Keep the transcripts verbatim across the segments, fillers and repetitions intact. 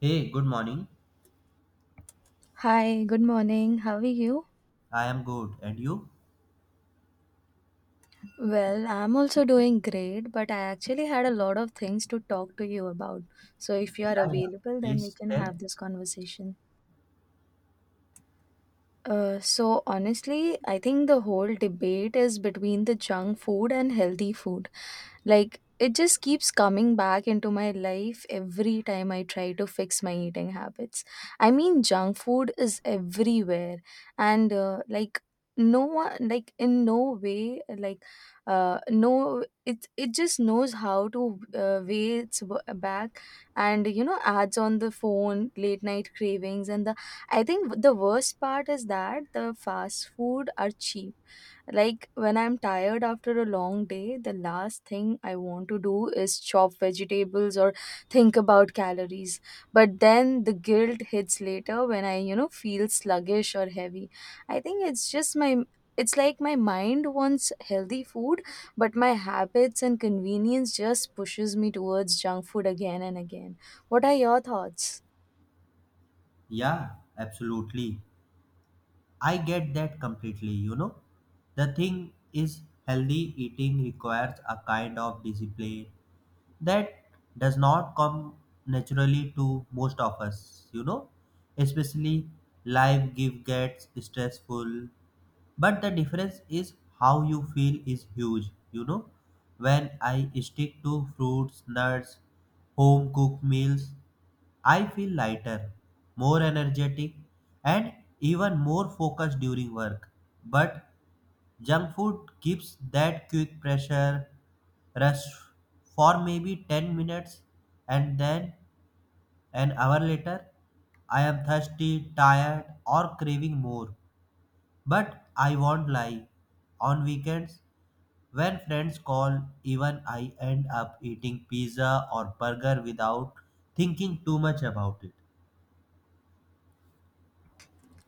Hey, good morning. Hi, good morning. How are you? I am good. And you? Well, I'm also doing great, but I actually had a lot of things to talk to you about. So if you are Yeah, yeah. available, then we Please can tell. have this conversation. Uh, so honestly, I think the whole debate is between the junk food and healthy food. Like it just keeps coming back into my life every time I try to fix my eating habits. I mean, junk food is everywhere, and uh, like no one, like in no way, like uh, no, it it just knows how to uh, weigh its w- back. And you know, ads on the phone, late night cravings. And the I think the worst part is that the fast food are cheap. Like when I'm tired after a long day, the last thing I want to do is chop vegetables or think about calories. But then the guilt hits later when I, you know, feel sluggish or heavy. I think it's just my it's like my mind wants healthy food, but my habits and convenience just pushes me towards junk food again and again. What are your thoughts? Yeah, absolutely. I get that completely, you know. The thing is, healthy eating requires a kind of discipline that does not come naturally to most of us, you know. Especially life give gets stressful, but the difference is how you feel is huge, you know. When I stick to fruits, nuts, home cooked meals, I feel lighter, more energetic, and even more focused during work. But junk food gives that quick pressure rush for maybe ten minutes, and then an hour later I am thirsty, tired, or craving more. But I won't lie, on weekends, when friends call, even I end up eating pizza or burger without thinking too much about it.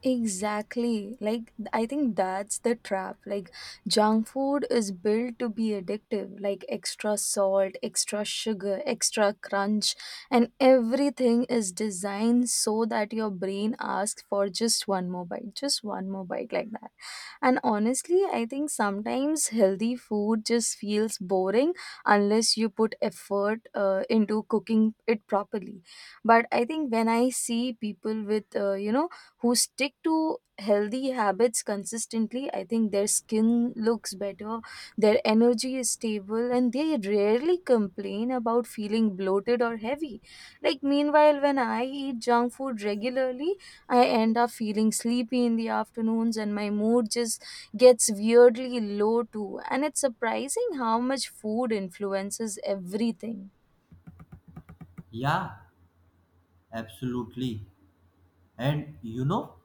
Exactly. Like, th- I think that's the trap. Like, junk food is built to be addictive, like extra salt, extra sugar, extra crunch, and everything is designed so that your brain asks for just one more bite, just one more bite, like that. And honestly, I think sometimes healthy food just feels boring unless you put effort uh, into cooking it properly. But I think when I see people with, uh, you know, who stick to healthy habits consistently, I think their skin looks better, their energy is stable, and they rarely complain about feeling bloated or heavy. Like, meanwhile, when I eat junk food regularly, I end up feeling sleepy in the afternoons, and my mood just gets weirdly low too. And it's surprising how much food influences everything. Yeah, absolutely. And you know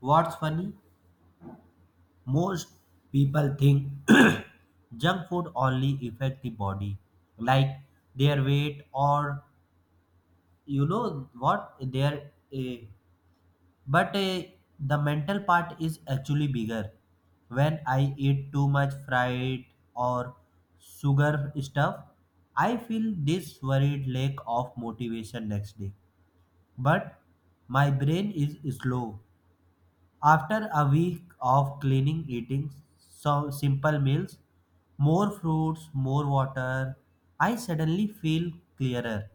what's funny? Most people think junk food only affect the body, like their weight or you know what their uh, But uh, the mental part is actually bigger. When I eat too much fried or sugar stuff, I feel this worried lack of motivation next day. But my brain is slow. After a week of cleaning eating some simple meals, more fruits, more water, I suddenly feel clearer.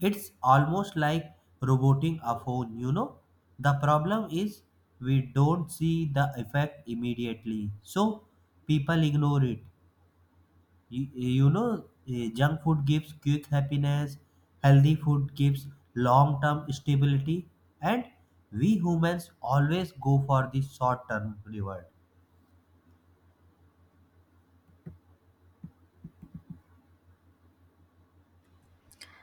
It's almost like roboting a phone, you know. The problem is we don't see the effect immediately, so people ignore it. You, you know, eh, Junk food gives quick happiness, healthy food gives long term stability, and we humans always go for the short term reward.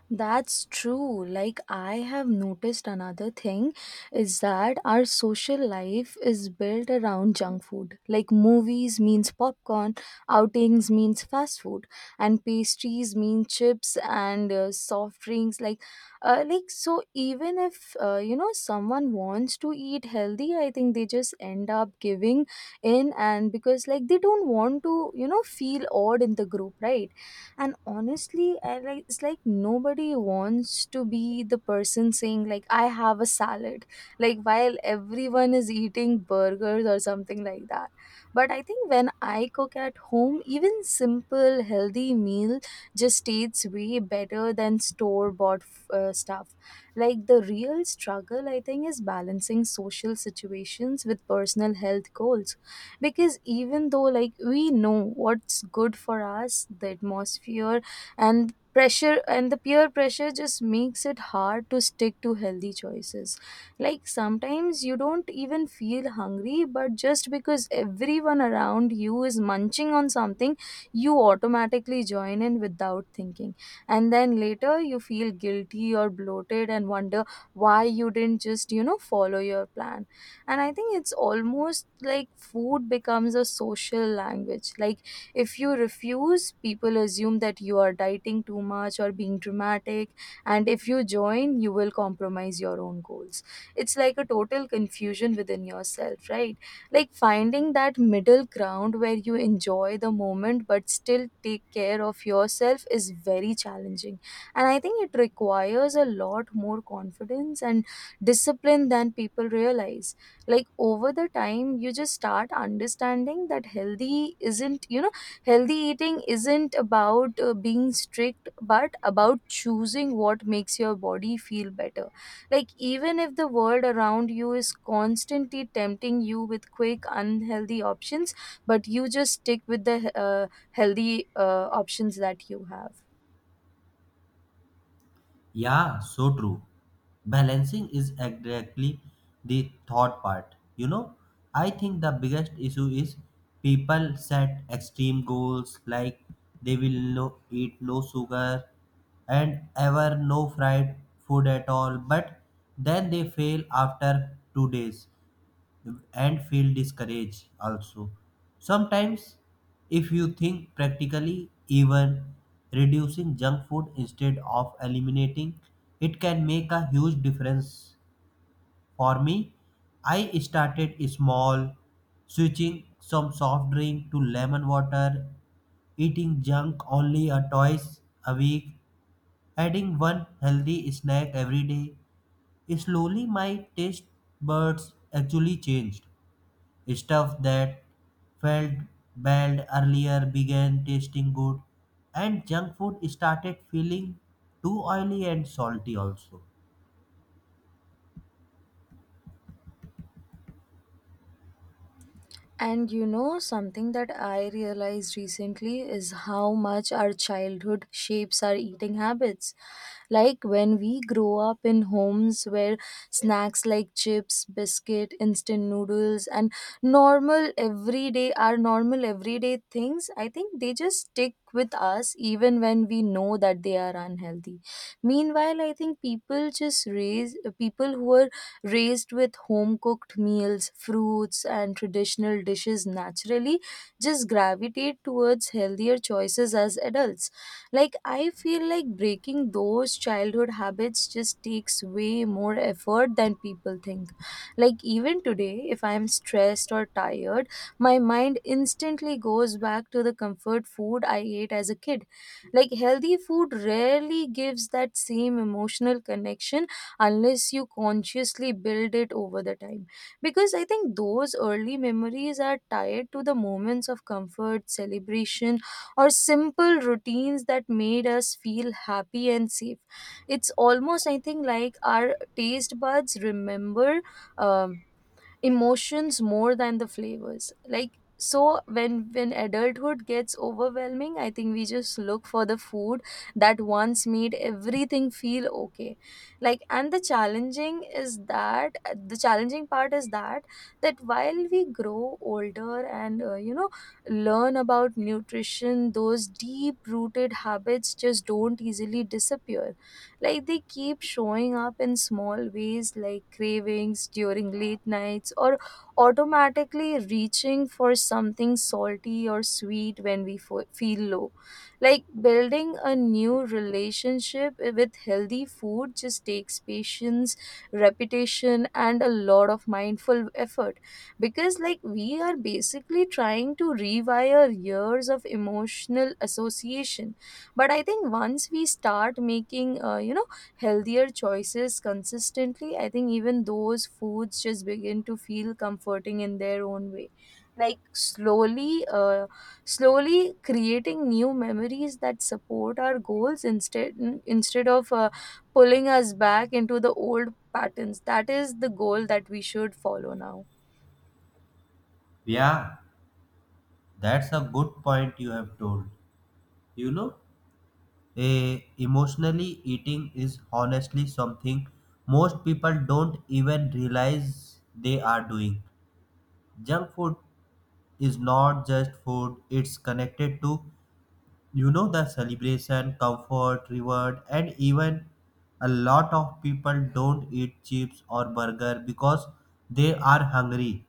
That's true. Like, I have noticed another thing is that our social life is built around junk food. Like, movies means popcorn, outings means fast food, and pastries mean chips and uh, soft drinks. Like, uh, like so, even if uh, you know someone wants to eat healthy, I think they just end up giving in, and because like they don't want to, you know, feel odd in the group, right? And honestly, I like it's like nobody wants to be the person saying, like, I have a salad, like while everyone is eating burgers or something like that. But I think when I cook at home, even simple healthy meal just tastes way better than store bought uh, stuff. Like, the real struggle I think is balancing social situations with personal health goals, because even though like we know what's good for us, the atmosphere and pressure and the peer pressure just makes it hard to stick to healthy choices. Like sometimes you don't even feel hungry, but just because everyone around you is munching on something, you automatically join in without thinking. And then later you feel guilty or bloated, and wonder why you didn't just you know follow your plan. And I think it's almost like food becomes a social language. Like, if you refuse, people assume that you are dieting too much or being dramatic, and if you join, you will compromise your own goals. It's like a total confusion within yourself, right? Like finding that middle ground where you enjoy the moment but still take care of yourself is very challenging. And I think it requires a lot more confidence and discipline than people realize. Like over the time you just start understanding that healthy isn't you know healthy eating isn't about uh, being strict but about choosing what makes your body feel better. Like even if the world around you is constantly tempting you with quick unhealthy options, but you just stick with the uh, healthy uh, options that you have. Yeah, so true. Balancing is exactly the thought part. You know, I think the biggest issue is people set extreme goals, like they will no eat no sugar and ever no fried food at all, but then they fail after two days and feel discouraged also. Sometimes, if you think practically, even reducing junk food instead of eliminating it can make a huge difference. For me, I started small, switching some soft drink to lemon water, eating junk only a twice a week, adding one healthy snack every day. Slowly, my taste buds actually changed. Stuff that felt bad earlier began tasting good, and junk food started feeling too oily and salty, also. And you know, something that I realized recently is how much our childhood shapes our eating habits. Like when we grow up in homes where snacks like chips, biscuit, instant noodles, and normal everyday are normal everyday things, I think they just stick with us even when we know that they are unhealthy. Meanwhile, I think people just raise people who are raised with home cooked meals, fruits, and traditional dishes naturally just gravitate towards healthier choices as adults. Like, I feel like breaking those childhood habits just takes way more effort than people think. Like, even today, if I am stressed or tired, my mind instantly goes back to the comfort food I ate as a kid. Like, healthy food rarely gives that same emotional connection unless you consciously build it over the time. Because I think those early memories are tied to the moments of comfort, celebration, or simple routines that made us feel happy and safe. It's almost, I think, like our taste buds remember Um, emotions more than the flavors, like so when when adulthood gets overwhelming, I think we just look for the food that once made everything feel okay. Like, and the challenging is that the challenging part is that that while we grow older and uh, you know learn about nutrition, those deep rooted habits just don't easily disappear. Like they keep showing up in small ways, like cravings during late nights, or automatically reaching for something salty or sweet when we fo- feel low. Like building a new relationship with healthy food just takes patience, repetition, and a lot of mindful effort, because like we are basically trying to rewire years of emotional association. But I think once we start making uh, you know healthier choices consistently, I think even those foods just begin to feel comforting in their own way, like slowly uh, slowly creating new memories that support our goals, instead instead of uh, pulling us back into the old patterns. That is the goal that we should follow now. Yeah, that's a good point you have told. You know, eh, Emotionally eating is honestly something most people don't even realize they are doing. Junk food is not just food, it's connected to, you know, the celebration, comfort, reward, and even a lot of people don't eat chips or burger because they are hungry.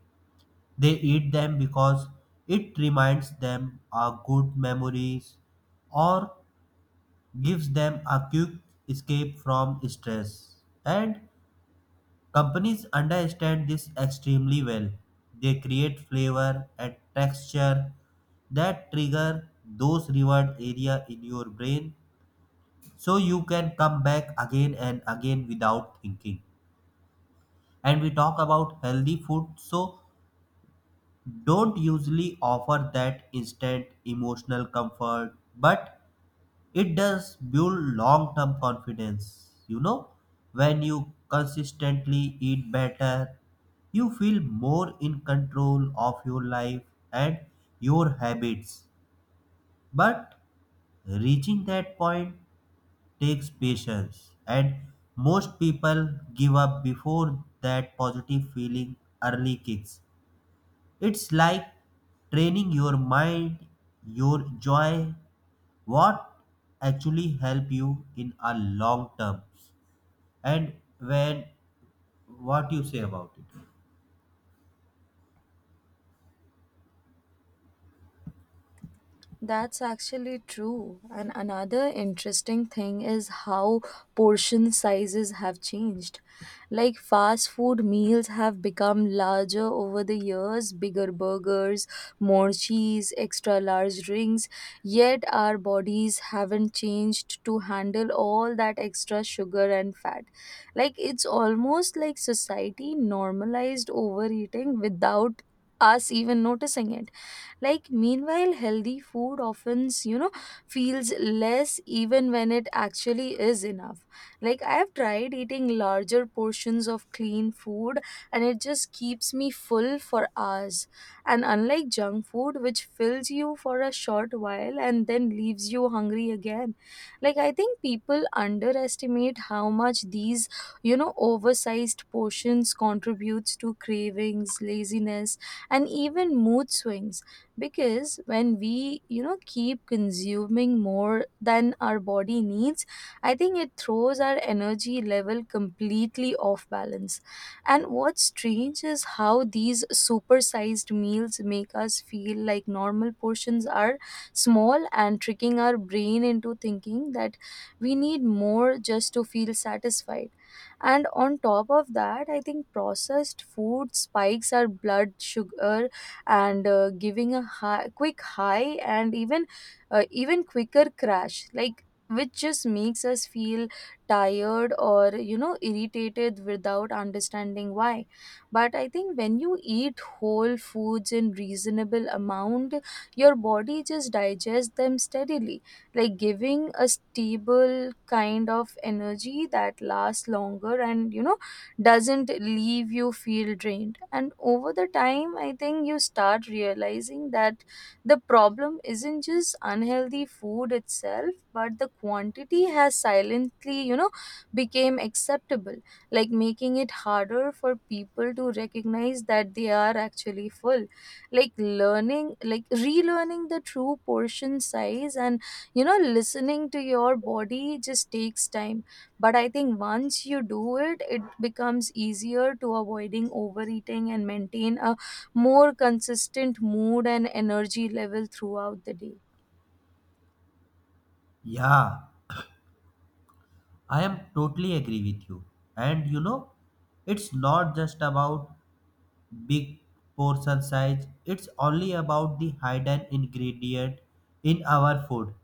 They eat them because it reminds them of good memories or gives them a quick escape from stress. And companies understand this extremely well. They create flavor and texture that trigger those reward area in your brain, so you can come back again and again without thinking. And we talk about healthy food, so don't usually offer that instant emotional comfort, but it does build long term confidence, you know. When you consistently eat better, you feel more in control of your life and your habits. But reaching that point takes patience, and most people give up before that positive feeling early kicks. It's like training your mind, your joy, what actually help you in a long term, and when what you say about it. That's actually true. And another interesting thing is how portion sizes have changed. Like fast food meals have become larger over the years, bigger burgers, more cheese, extra large drinks, yet our bodies haven't changed to handle all that extra sugar and fat. Like it's almost like society normalized overeating without us even noticing it. Like meanwhile healthy food often you know feels less even when it actually is enough. Like I have tried eating larger portions of clean food, and it just keeps me full for hours, and unlike junk food, which fills you for a short while and then leaves you hungry again. Like I think people underestimate how much these you know oversized portions contributes to cravings, laziness, and even mood swings. Because when we you know keep consuming more than our body needs, I think it throws our energy level completely off balance. And what's strange is how these supersized meals make us feel like normal portions are small, and tricking our brain into thinking that we need more just to feel satisfied. And on top of that, I think processed food spikes our blood sugar, and uh, giving a high, quick high, and even uh, even quicker crash, like which just makes us feel tired or you know irritated without understanding why. But I think when you eat whole foods in reasonable amount, your body just digests them steadily, like giving a stable kind of energy that lasts longer and you know doesn't leave you feel drained. And over the time, I think you start realizing that the problem isn't just unhealthy food itself, but the quantity has silently you know became acceptable. Like making it harder for people to recognize that they are actually full. Like learning like relearning the true portion size, and you know listening to your body just takes time. But I think once you do it, it becomes easier to avoiding overeating and maintain a more consistent mood and energy level throughout the day. Yeah, I am totally agree with you. And you know, it's not just about big portion size. It's only about the hidden ingredient in our food.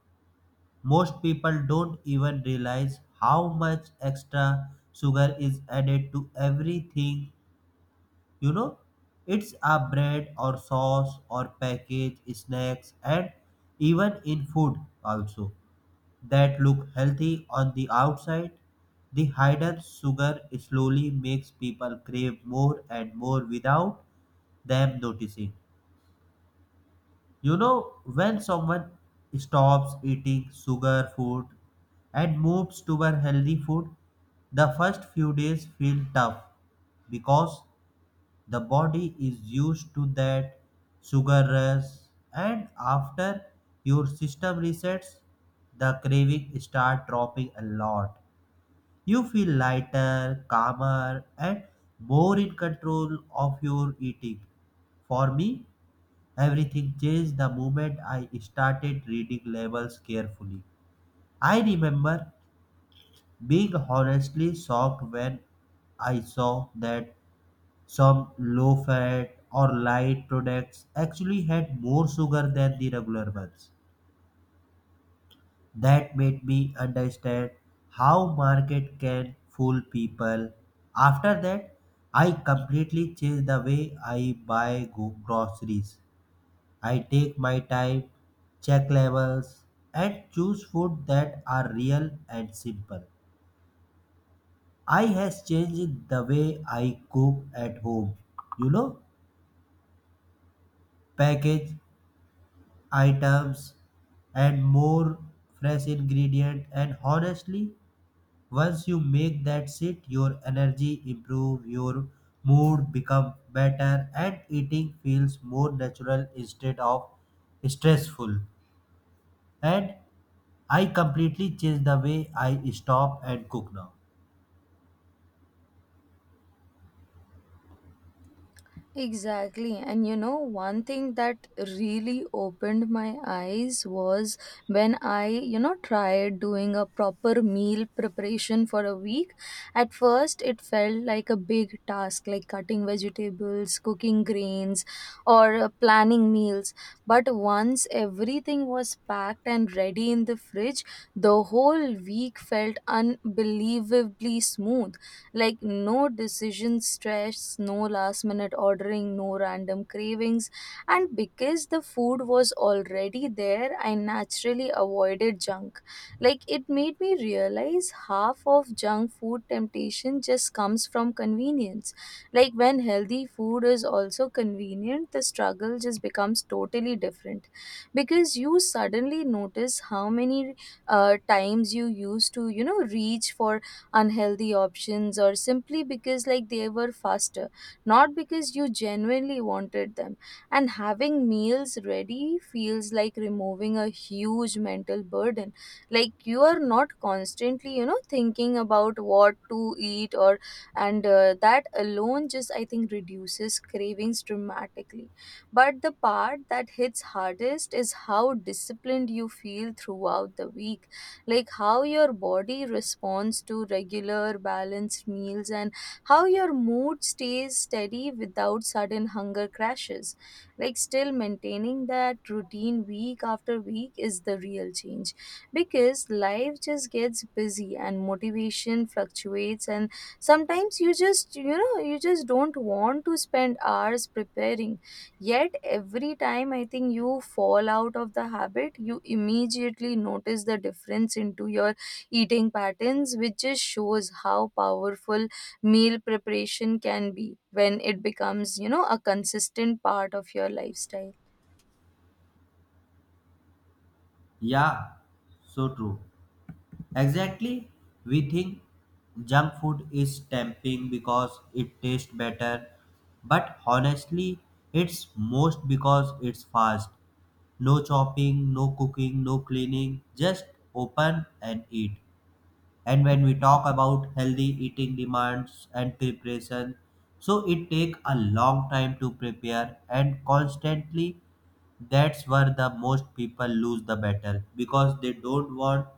Most people don't even realize how much extra sugar is added to everything. You know, it's a bread or sauce or package snacks, and even in food also that look healthy on the outside. The hidden sugar slowly makes people crave more and more without them noticing. You know, when someone stops eating sugar food and moves toward healthy food, the first few days feel tough because the body is used to that sugar rush, and after your system resets, the craving start dropping a lot. You feel lighter, calmer, and more in control of your eating. For me, everything changed the moment I started reading labels carefully. I remember being honestly shocked when I saw that some low fat or light products actually had more sugar than the regular ones. That made me understand how market can fool people. After that, I completely changed the way I buy go- groceries. I take my time, check labels, and choose food that are real and simple. I has changed the way I cook at home. You know, package items and more fresh ingredient, and honestly, once you make that shit, your energy improve, your mood become better, and eating feels more natural instead of stressful. And I completely changed the way I stop and cook now. Exactly. And you know, one thing that really opened my eyes was when I, you know, tried doing a proper meal preparation for a week. At first, it felt like a big task, like cutting vegetables, cooking grains, or uh, planning meals. But once everything was packed and ready in the fridge, the whole week felt unbelievably smooth. Like no decision stress, no last minute ordering, no random cravings. And because the food was already there, I naturally avoided junk. Like, it made me realize half of junk food temptation just comes from convenience. Like when healthy food is also convenient, the struggle just becomes totally different, because you suddenly notice how many uh, times you used to you know reach for unhealthy options, or simply because like they were faster, not because you genuinely wanted them. And having meals ready feels like removing a huge mental burden. Like you are not constantly you know thinking about what to eat or, and uh, that alone, just I think, reduces cravings dramatically. But the part that hits hardest is how disciplined you feel throughout the week. Like how your body responds to regular balanced meals, and how your mood stays steady without sudden hunger crashes. Like still maintaining that routine week after week is the real change, because life just gets busy and motivation fluctuates, and sometimes you just, you know you just don't want to spend hours preparing. Yet every time I think you fall out of the habit, you immediately notice the difference into your eating patterns, which just shows how powerful meal preparation can be when it becomes, you know, a consistent part of your lifestyle. Yeah, so true. Exactly. We think junk food is tempting because it tastes better, but honestly, it's most because it's fast. No chopping, no cooking, no cleaning, just open and eat. And when we talk about healthy eating demands and preparation, so it take a long time to prepare and constantly. That's where the most people lose the battle, because they don't want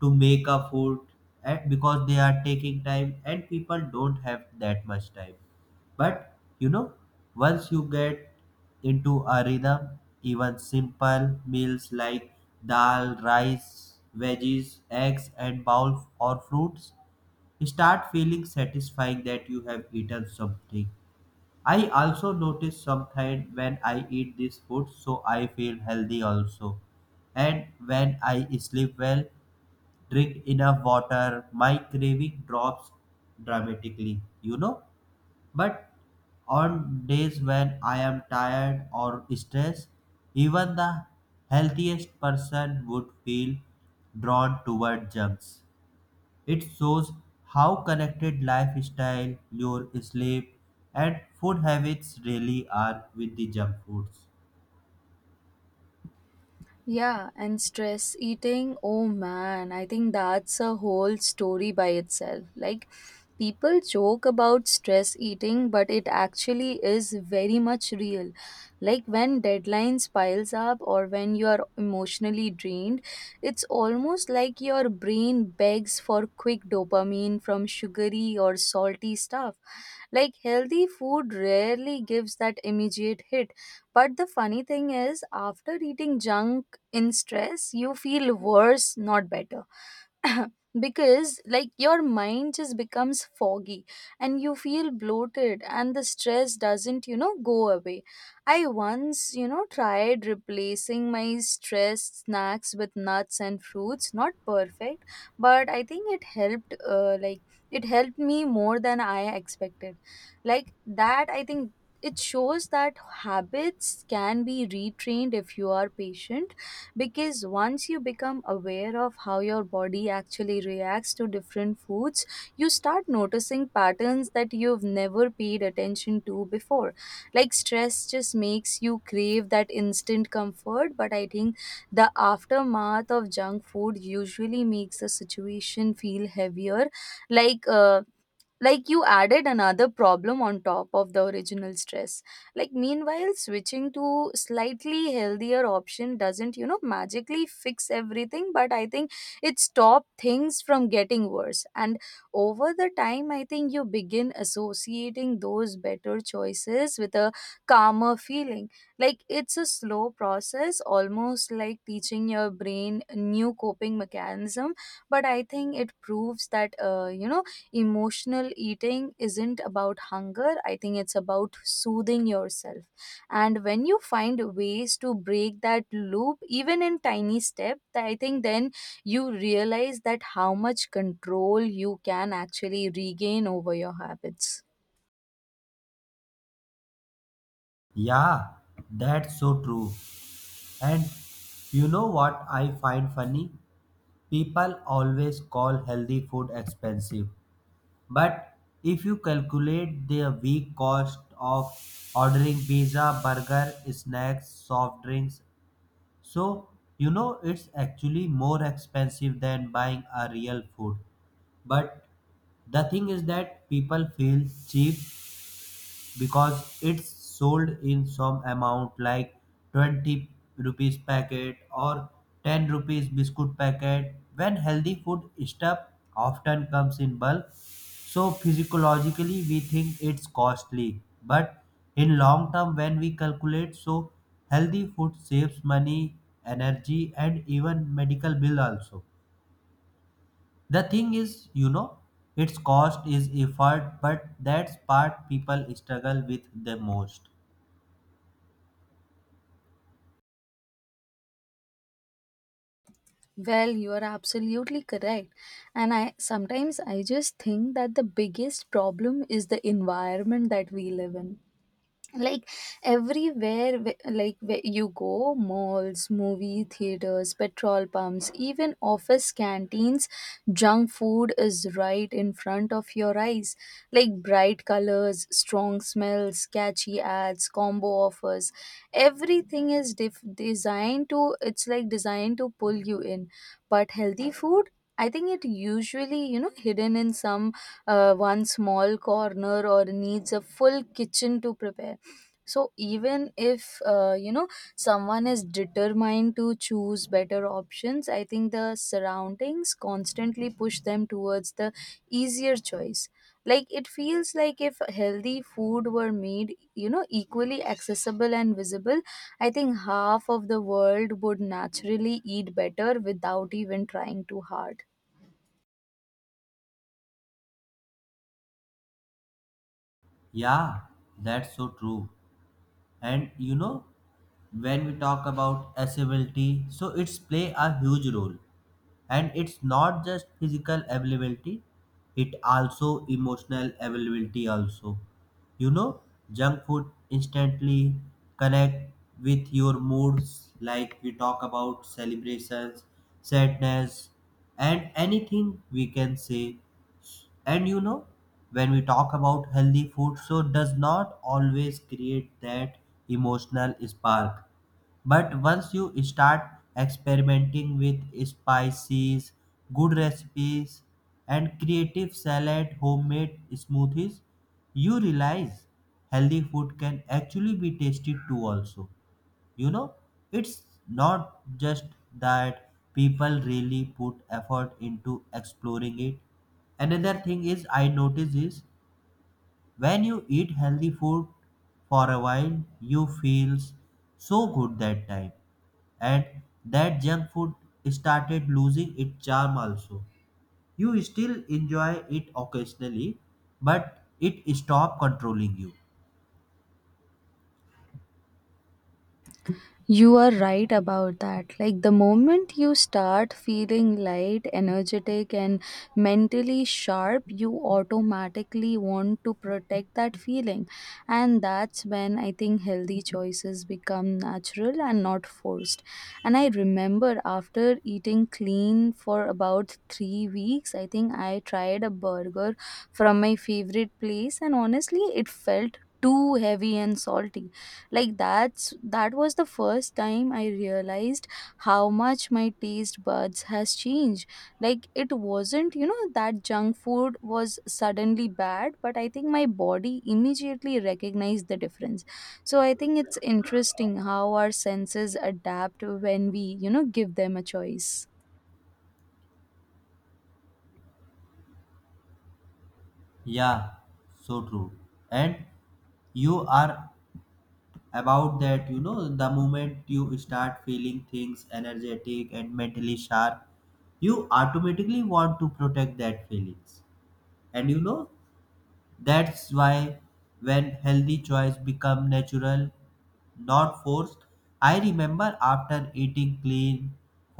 to make a food, and because they are taking time and people don't have that much time. But you know, once you get into a rhythm, even simple meals like dal, rice, veggies, eggs, and bowl or fruits start feeling satisfying that you have eaten something. I also notice sometimes when I eat this food, so I feel healthy also. And when I sleep well, drink enough water, my craving drops dramatically. You know, but on days when I am tired or stressed, even the healthiest person would feel drawn toward junks. It shows how connected lifestyle, your sleep, and food habits really are with the junk foods. Yeah, and stress eating, oh man, I think that's a whole story by itself. Like, people joke about stress eating, but it actually is very much real. Like, when deadlines piles up or when you are emotionally drained, it's almost like your brain begs for quick dopamine from sugary or salty stuff. Like, healthy food rarely gives that immediate hit. But the funny thing is, after eating junk, in stress you feel worse, not better. Because like your mind just becomes foggy, and you feel bloated, and the stress doesn't, you know go away. I once, you know tried replacing my stress snacks with nuts and fruits. Not perfect, but I think it helped. Uh, like, it helped me more than I expected. Like that, I think it shows that habits can be retrained if you are patient. Because once you become aware of how your body actually reacts to different foods, you start noticing patterns that you've never paid attention to before. Like stress just makes you crave that instant comfort, but I think the aftermath of junk food usually makes the situation feel heavier. Like uh, like you added another problem on top of the original stress. Like meanwhile switching to slightly healthier option doesn't, you know magically fix everything, but I think it stops things from getting worse. And over the time, I think you begin associating those better choices with a calmer feeling. Like it's a slow process, almost like teaching your brain new coping mechanism. But I think it proves that, uh, you know emotional eating isn't about hunger. I think it's about soothing yourself. And when you find ways to break that loop, even in tiny step, th- I think then you realize that how much control you can actually regain over your habits. Yeah, that's so true. And you know what I find funny? People always call healthy food expensive, but if you calculate the week cost of ordering pizza, burger, snacks, soft drinks, so you know it's actually more expensive than buying a real food. But the thing is that people feel cheap because it's sold in some amount like twenty rupees packet or ten rupees biscuit packet when healthy food stuff often comes in bulk, so physiologically we think it's costly, but in long term, when we calculate, so healthy food saves money, energy, and even medical bill also. The thing is, you know, its cost is effort, but that's part people struggle with the most. Well, you are absolutely correct. And i sometimes i just think that the biggest problem is the environment that we live in. Like everywhere, wh- like where you go, malls, movie theaters, petrol pumps, even office canteens, junk food is right in front of your eyes. Like bright colors, strong smells, catchy ads, combo offers, everything is def- designed to, it's like designed to pull you in. But healthy food, I think it usually, you know hidden in some uh, one small corner, or needs a full kitchen to prepare. So even if, uh, you know someone is determined to choose better options, I think the surroundings constantly push them towards the easier choice. Like it feels like if healthy food were made, you know equally accessible and visible, I think half of the world would naturally eat better without even trying too hard. Yeah, that's so true. And you know, when we talk about accessibility, so it's play a huge role. And it's not just physical availability, it also emotional availability also. You know, junk food instantly connect with your moods, like we talk about celebrations, sadness, and anything we can say. And you know, when we talk about healthy food, so does not always create that emotional spark. But once you start experimenting with spices, good recipes, and creative salad, homemade smoothies, you realize healthy food can actually be tasty too also. You know, it's not just that people really put effort into exploring it. Another thing is I notice is when you eat healthy food for a while, you feels so good that time, and that junk food started losing its charm also. You still enjoy it occasionally, but it stop controlling you. You are right about that. Like the moment you start feeling light, energetic, and mentally sharp, you automatically want to protect that feeling. And that's when I think healthy choices become natural and not forced. And I remember after eating clean for about three weeks, I think I tried a burger from my favorite place, and honestly, it felt too heavy and salty. Like that's, that was the first time I realized how much my taste buds has changed. Like it wasn't, you know that junk food was suddenly bad, but I think my body immediately recognized the difference. So I think it's interesting how our senses adapt when we, you know give them a choice. Yeah, so true. And you are about that, you know, the moment you start feeling things energetic and mentally sharp, you automatically want to protect that feelings. And you know, that's why when healthy choice become natural, not forced. I remember after eating clean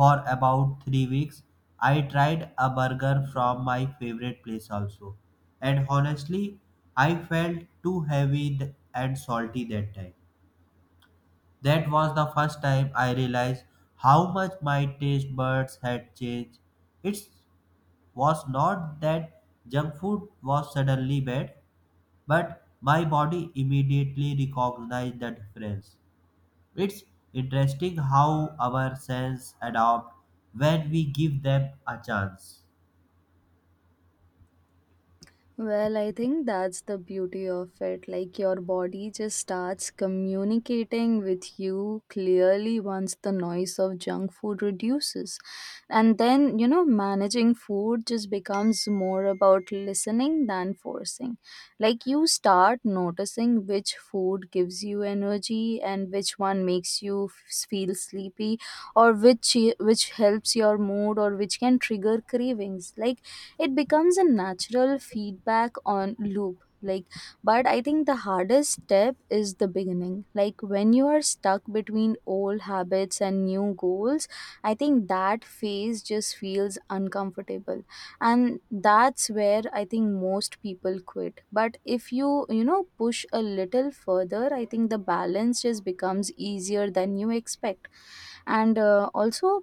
for about three weeks, I tried a burger from my favorite place also, and honestly, I felt too heavy th- and salty that time. That was the first time I realized how much my taste buds had changed. It was not that junk food was suddenly bad, but my body immediately recognized the difference. It's interesting how our senses adapt when we give them a chance. Well, I think that's the beauty of it. Like your body just starts communicating with you clearly once the noise of junk food reduces. And then, you know, managing food just becomes more about listening than forcing. Like you start noticing which food gives you energy, and which one makes you f- feel sleepy, or which which helps your mood, or which can trigger cravings. Like it becomes a natural feedback on loop. Like, but I think the hardest step is the beginning. Like when you are stuck between old habits and new goals, I think that phase just feels uncomfortable. And that's where I think most people quit, but if you, you know push a little further, I think the balance just becomes easier than you expect. And uh, also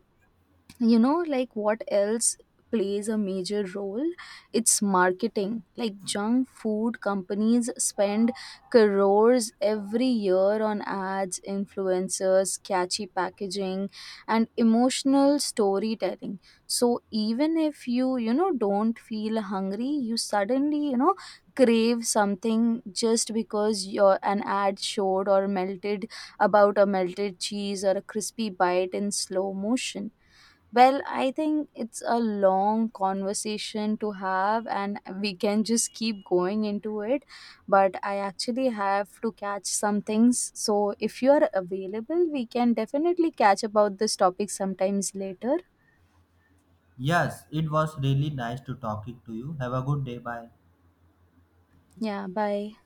you know like what else plays a major role, it's marketing. Like junk food companies spend crores every year on ads, influencers, catchy packaging, and emotional storytelling. So even if you, you know don't feel hungry, you suddenly, you know crave something just because your an ad showed, or melted, about a melted cheese or a crispy bite in slow motion. Well, I think it's a long conversation to have, and we can just keep going into it. But I actually have to catch some things. So, if you are available, we can definitely catch about this topic sometimes later. Yes, it was really nice to talking to you. Have a good day. Bye. Yeah, bye.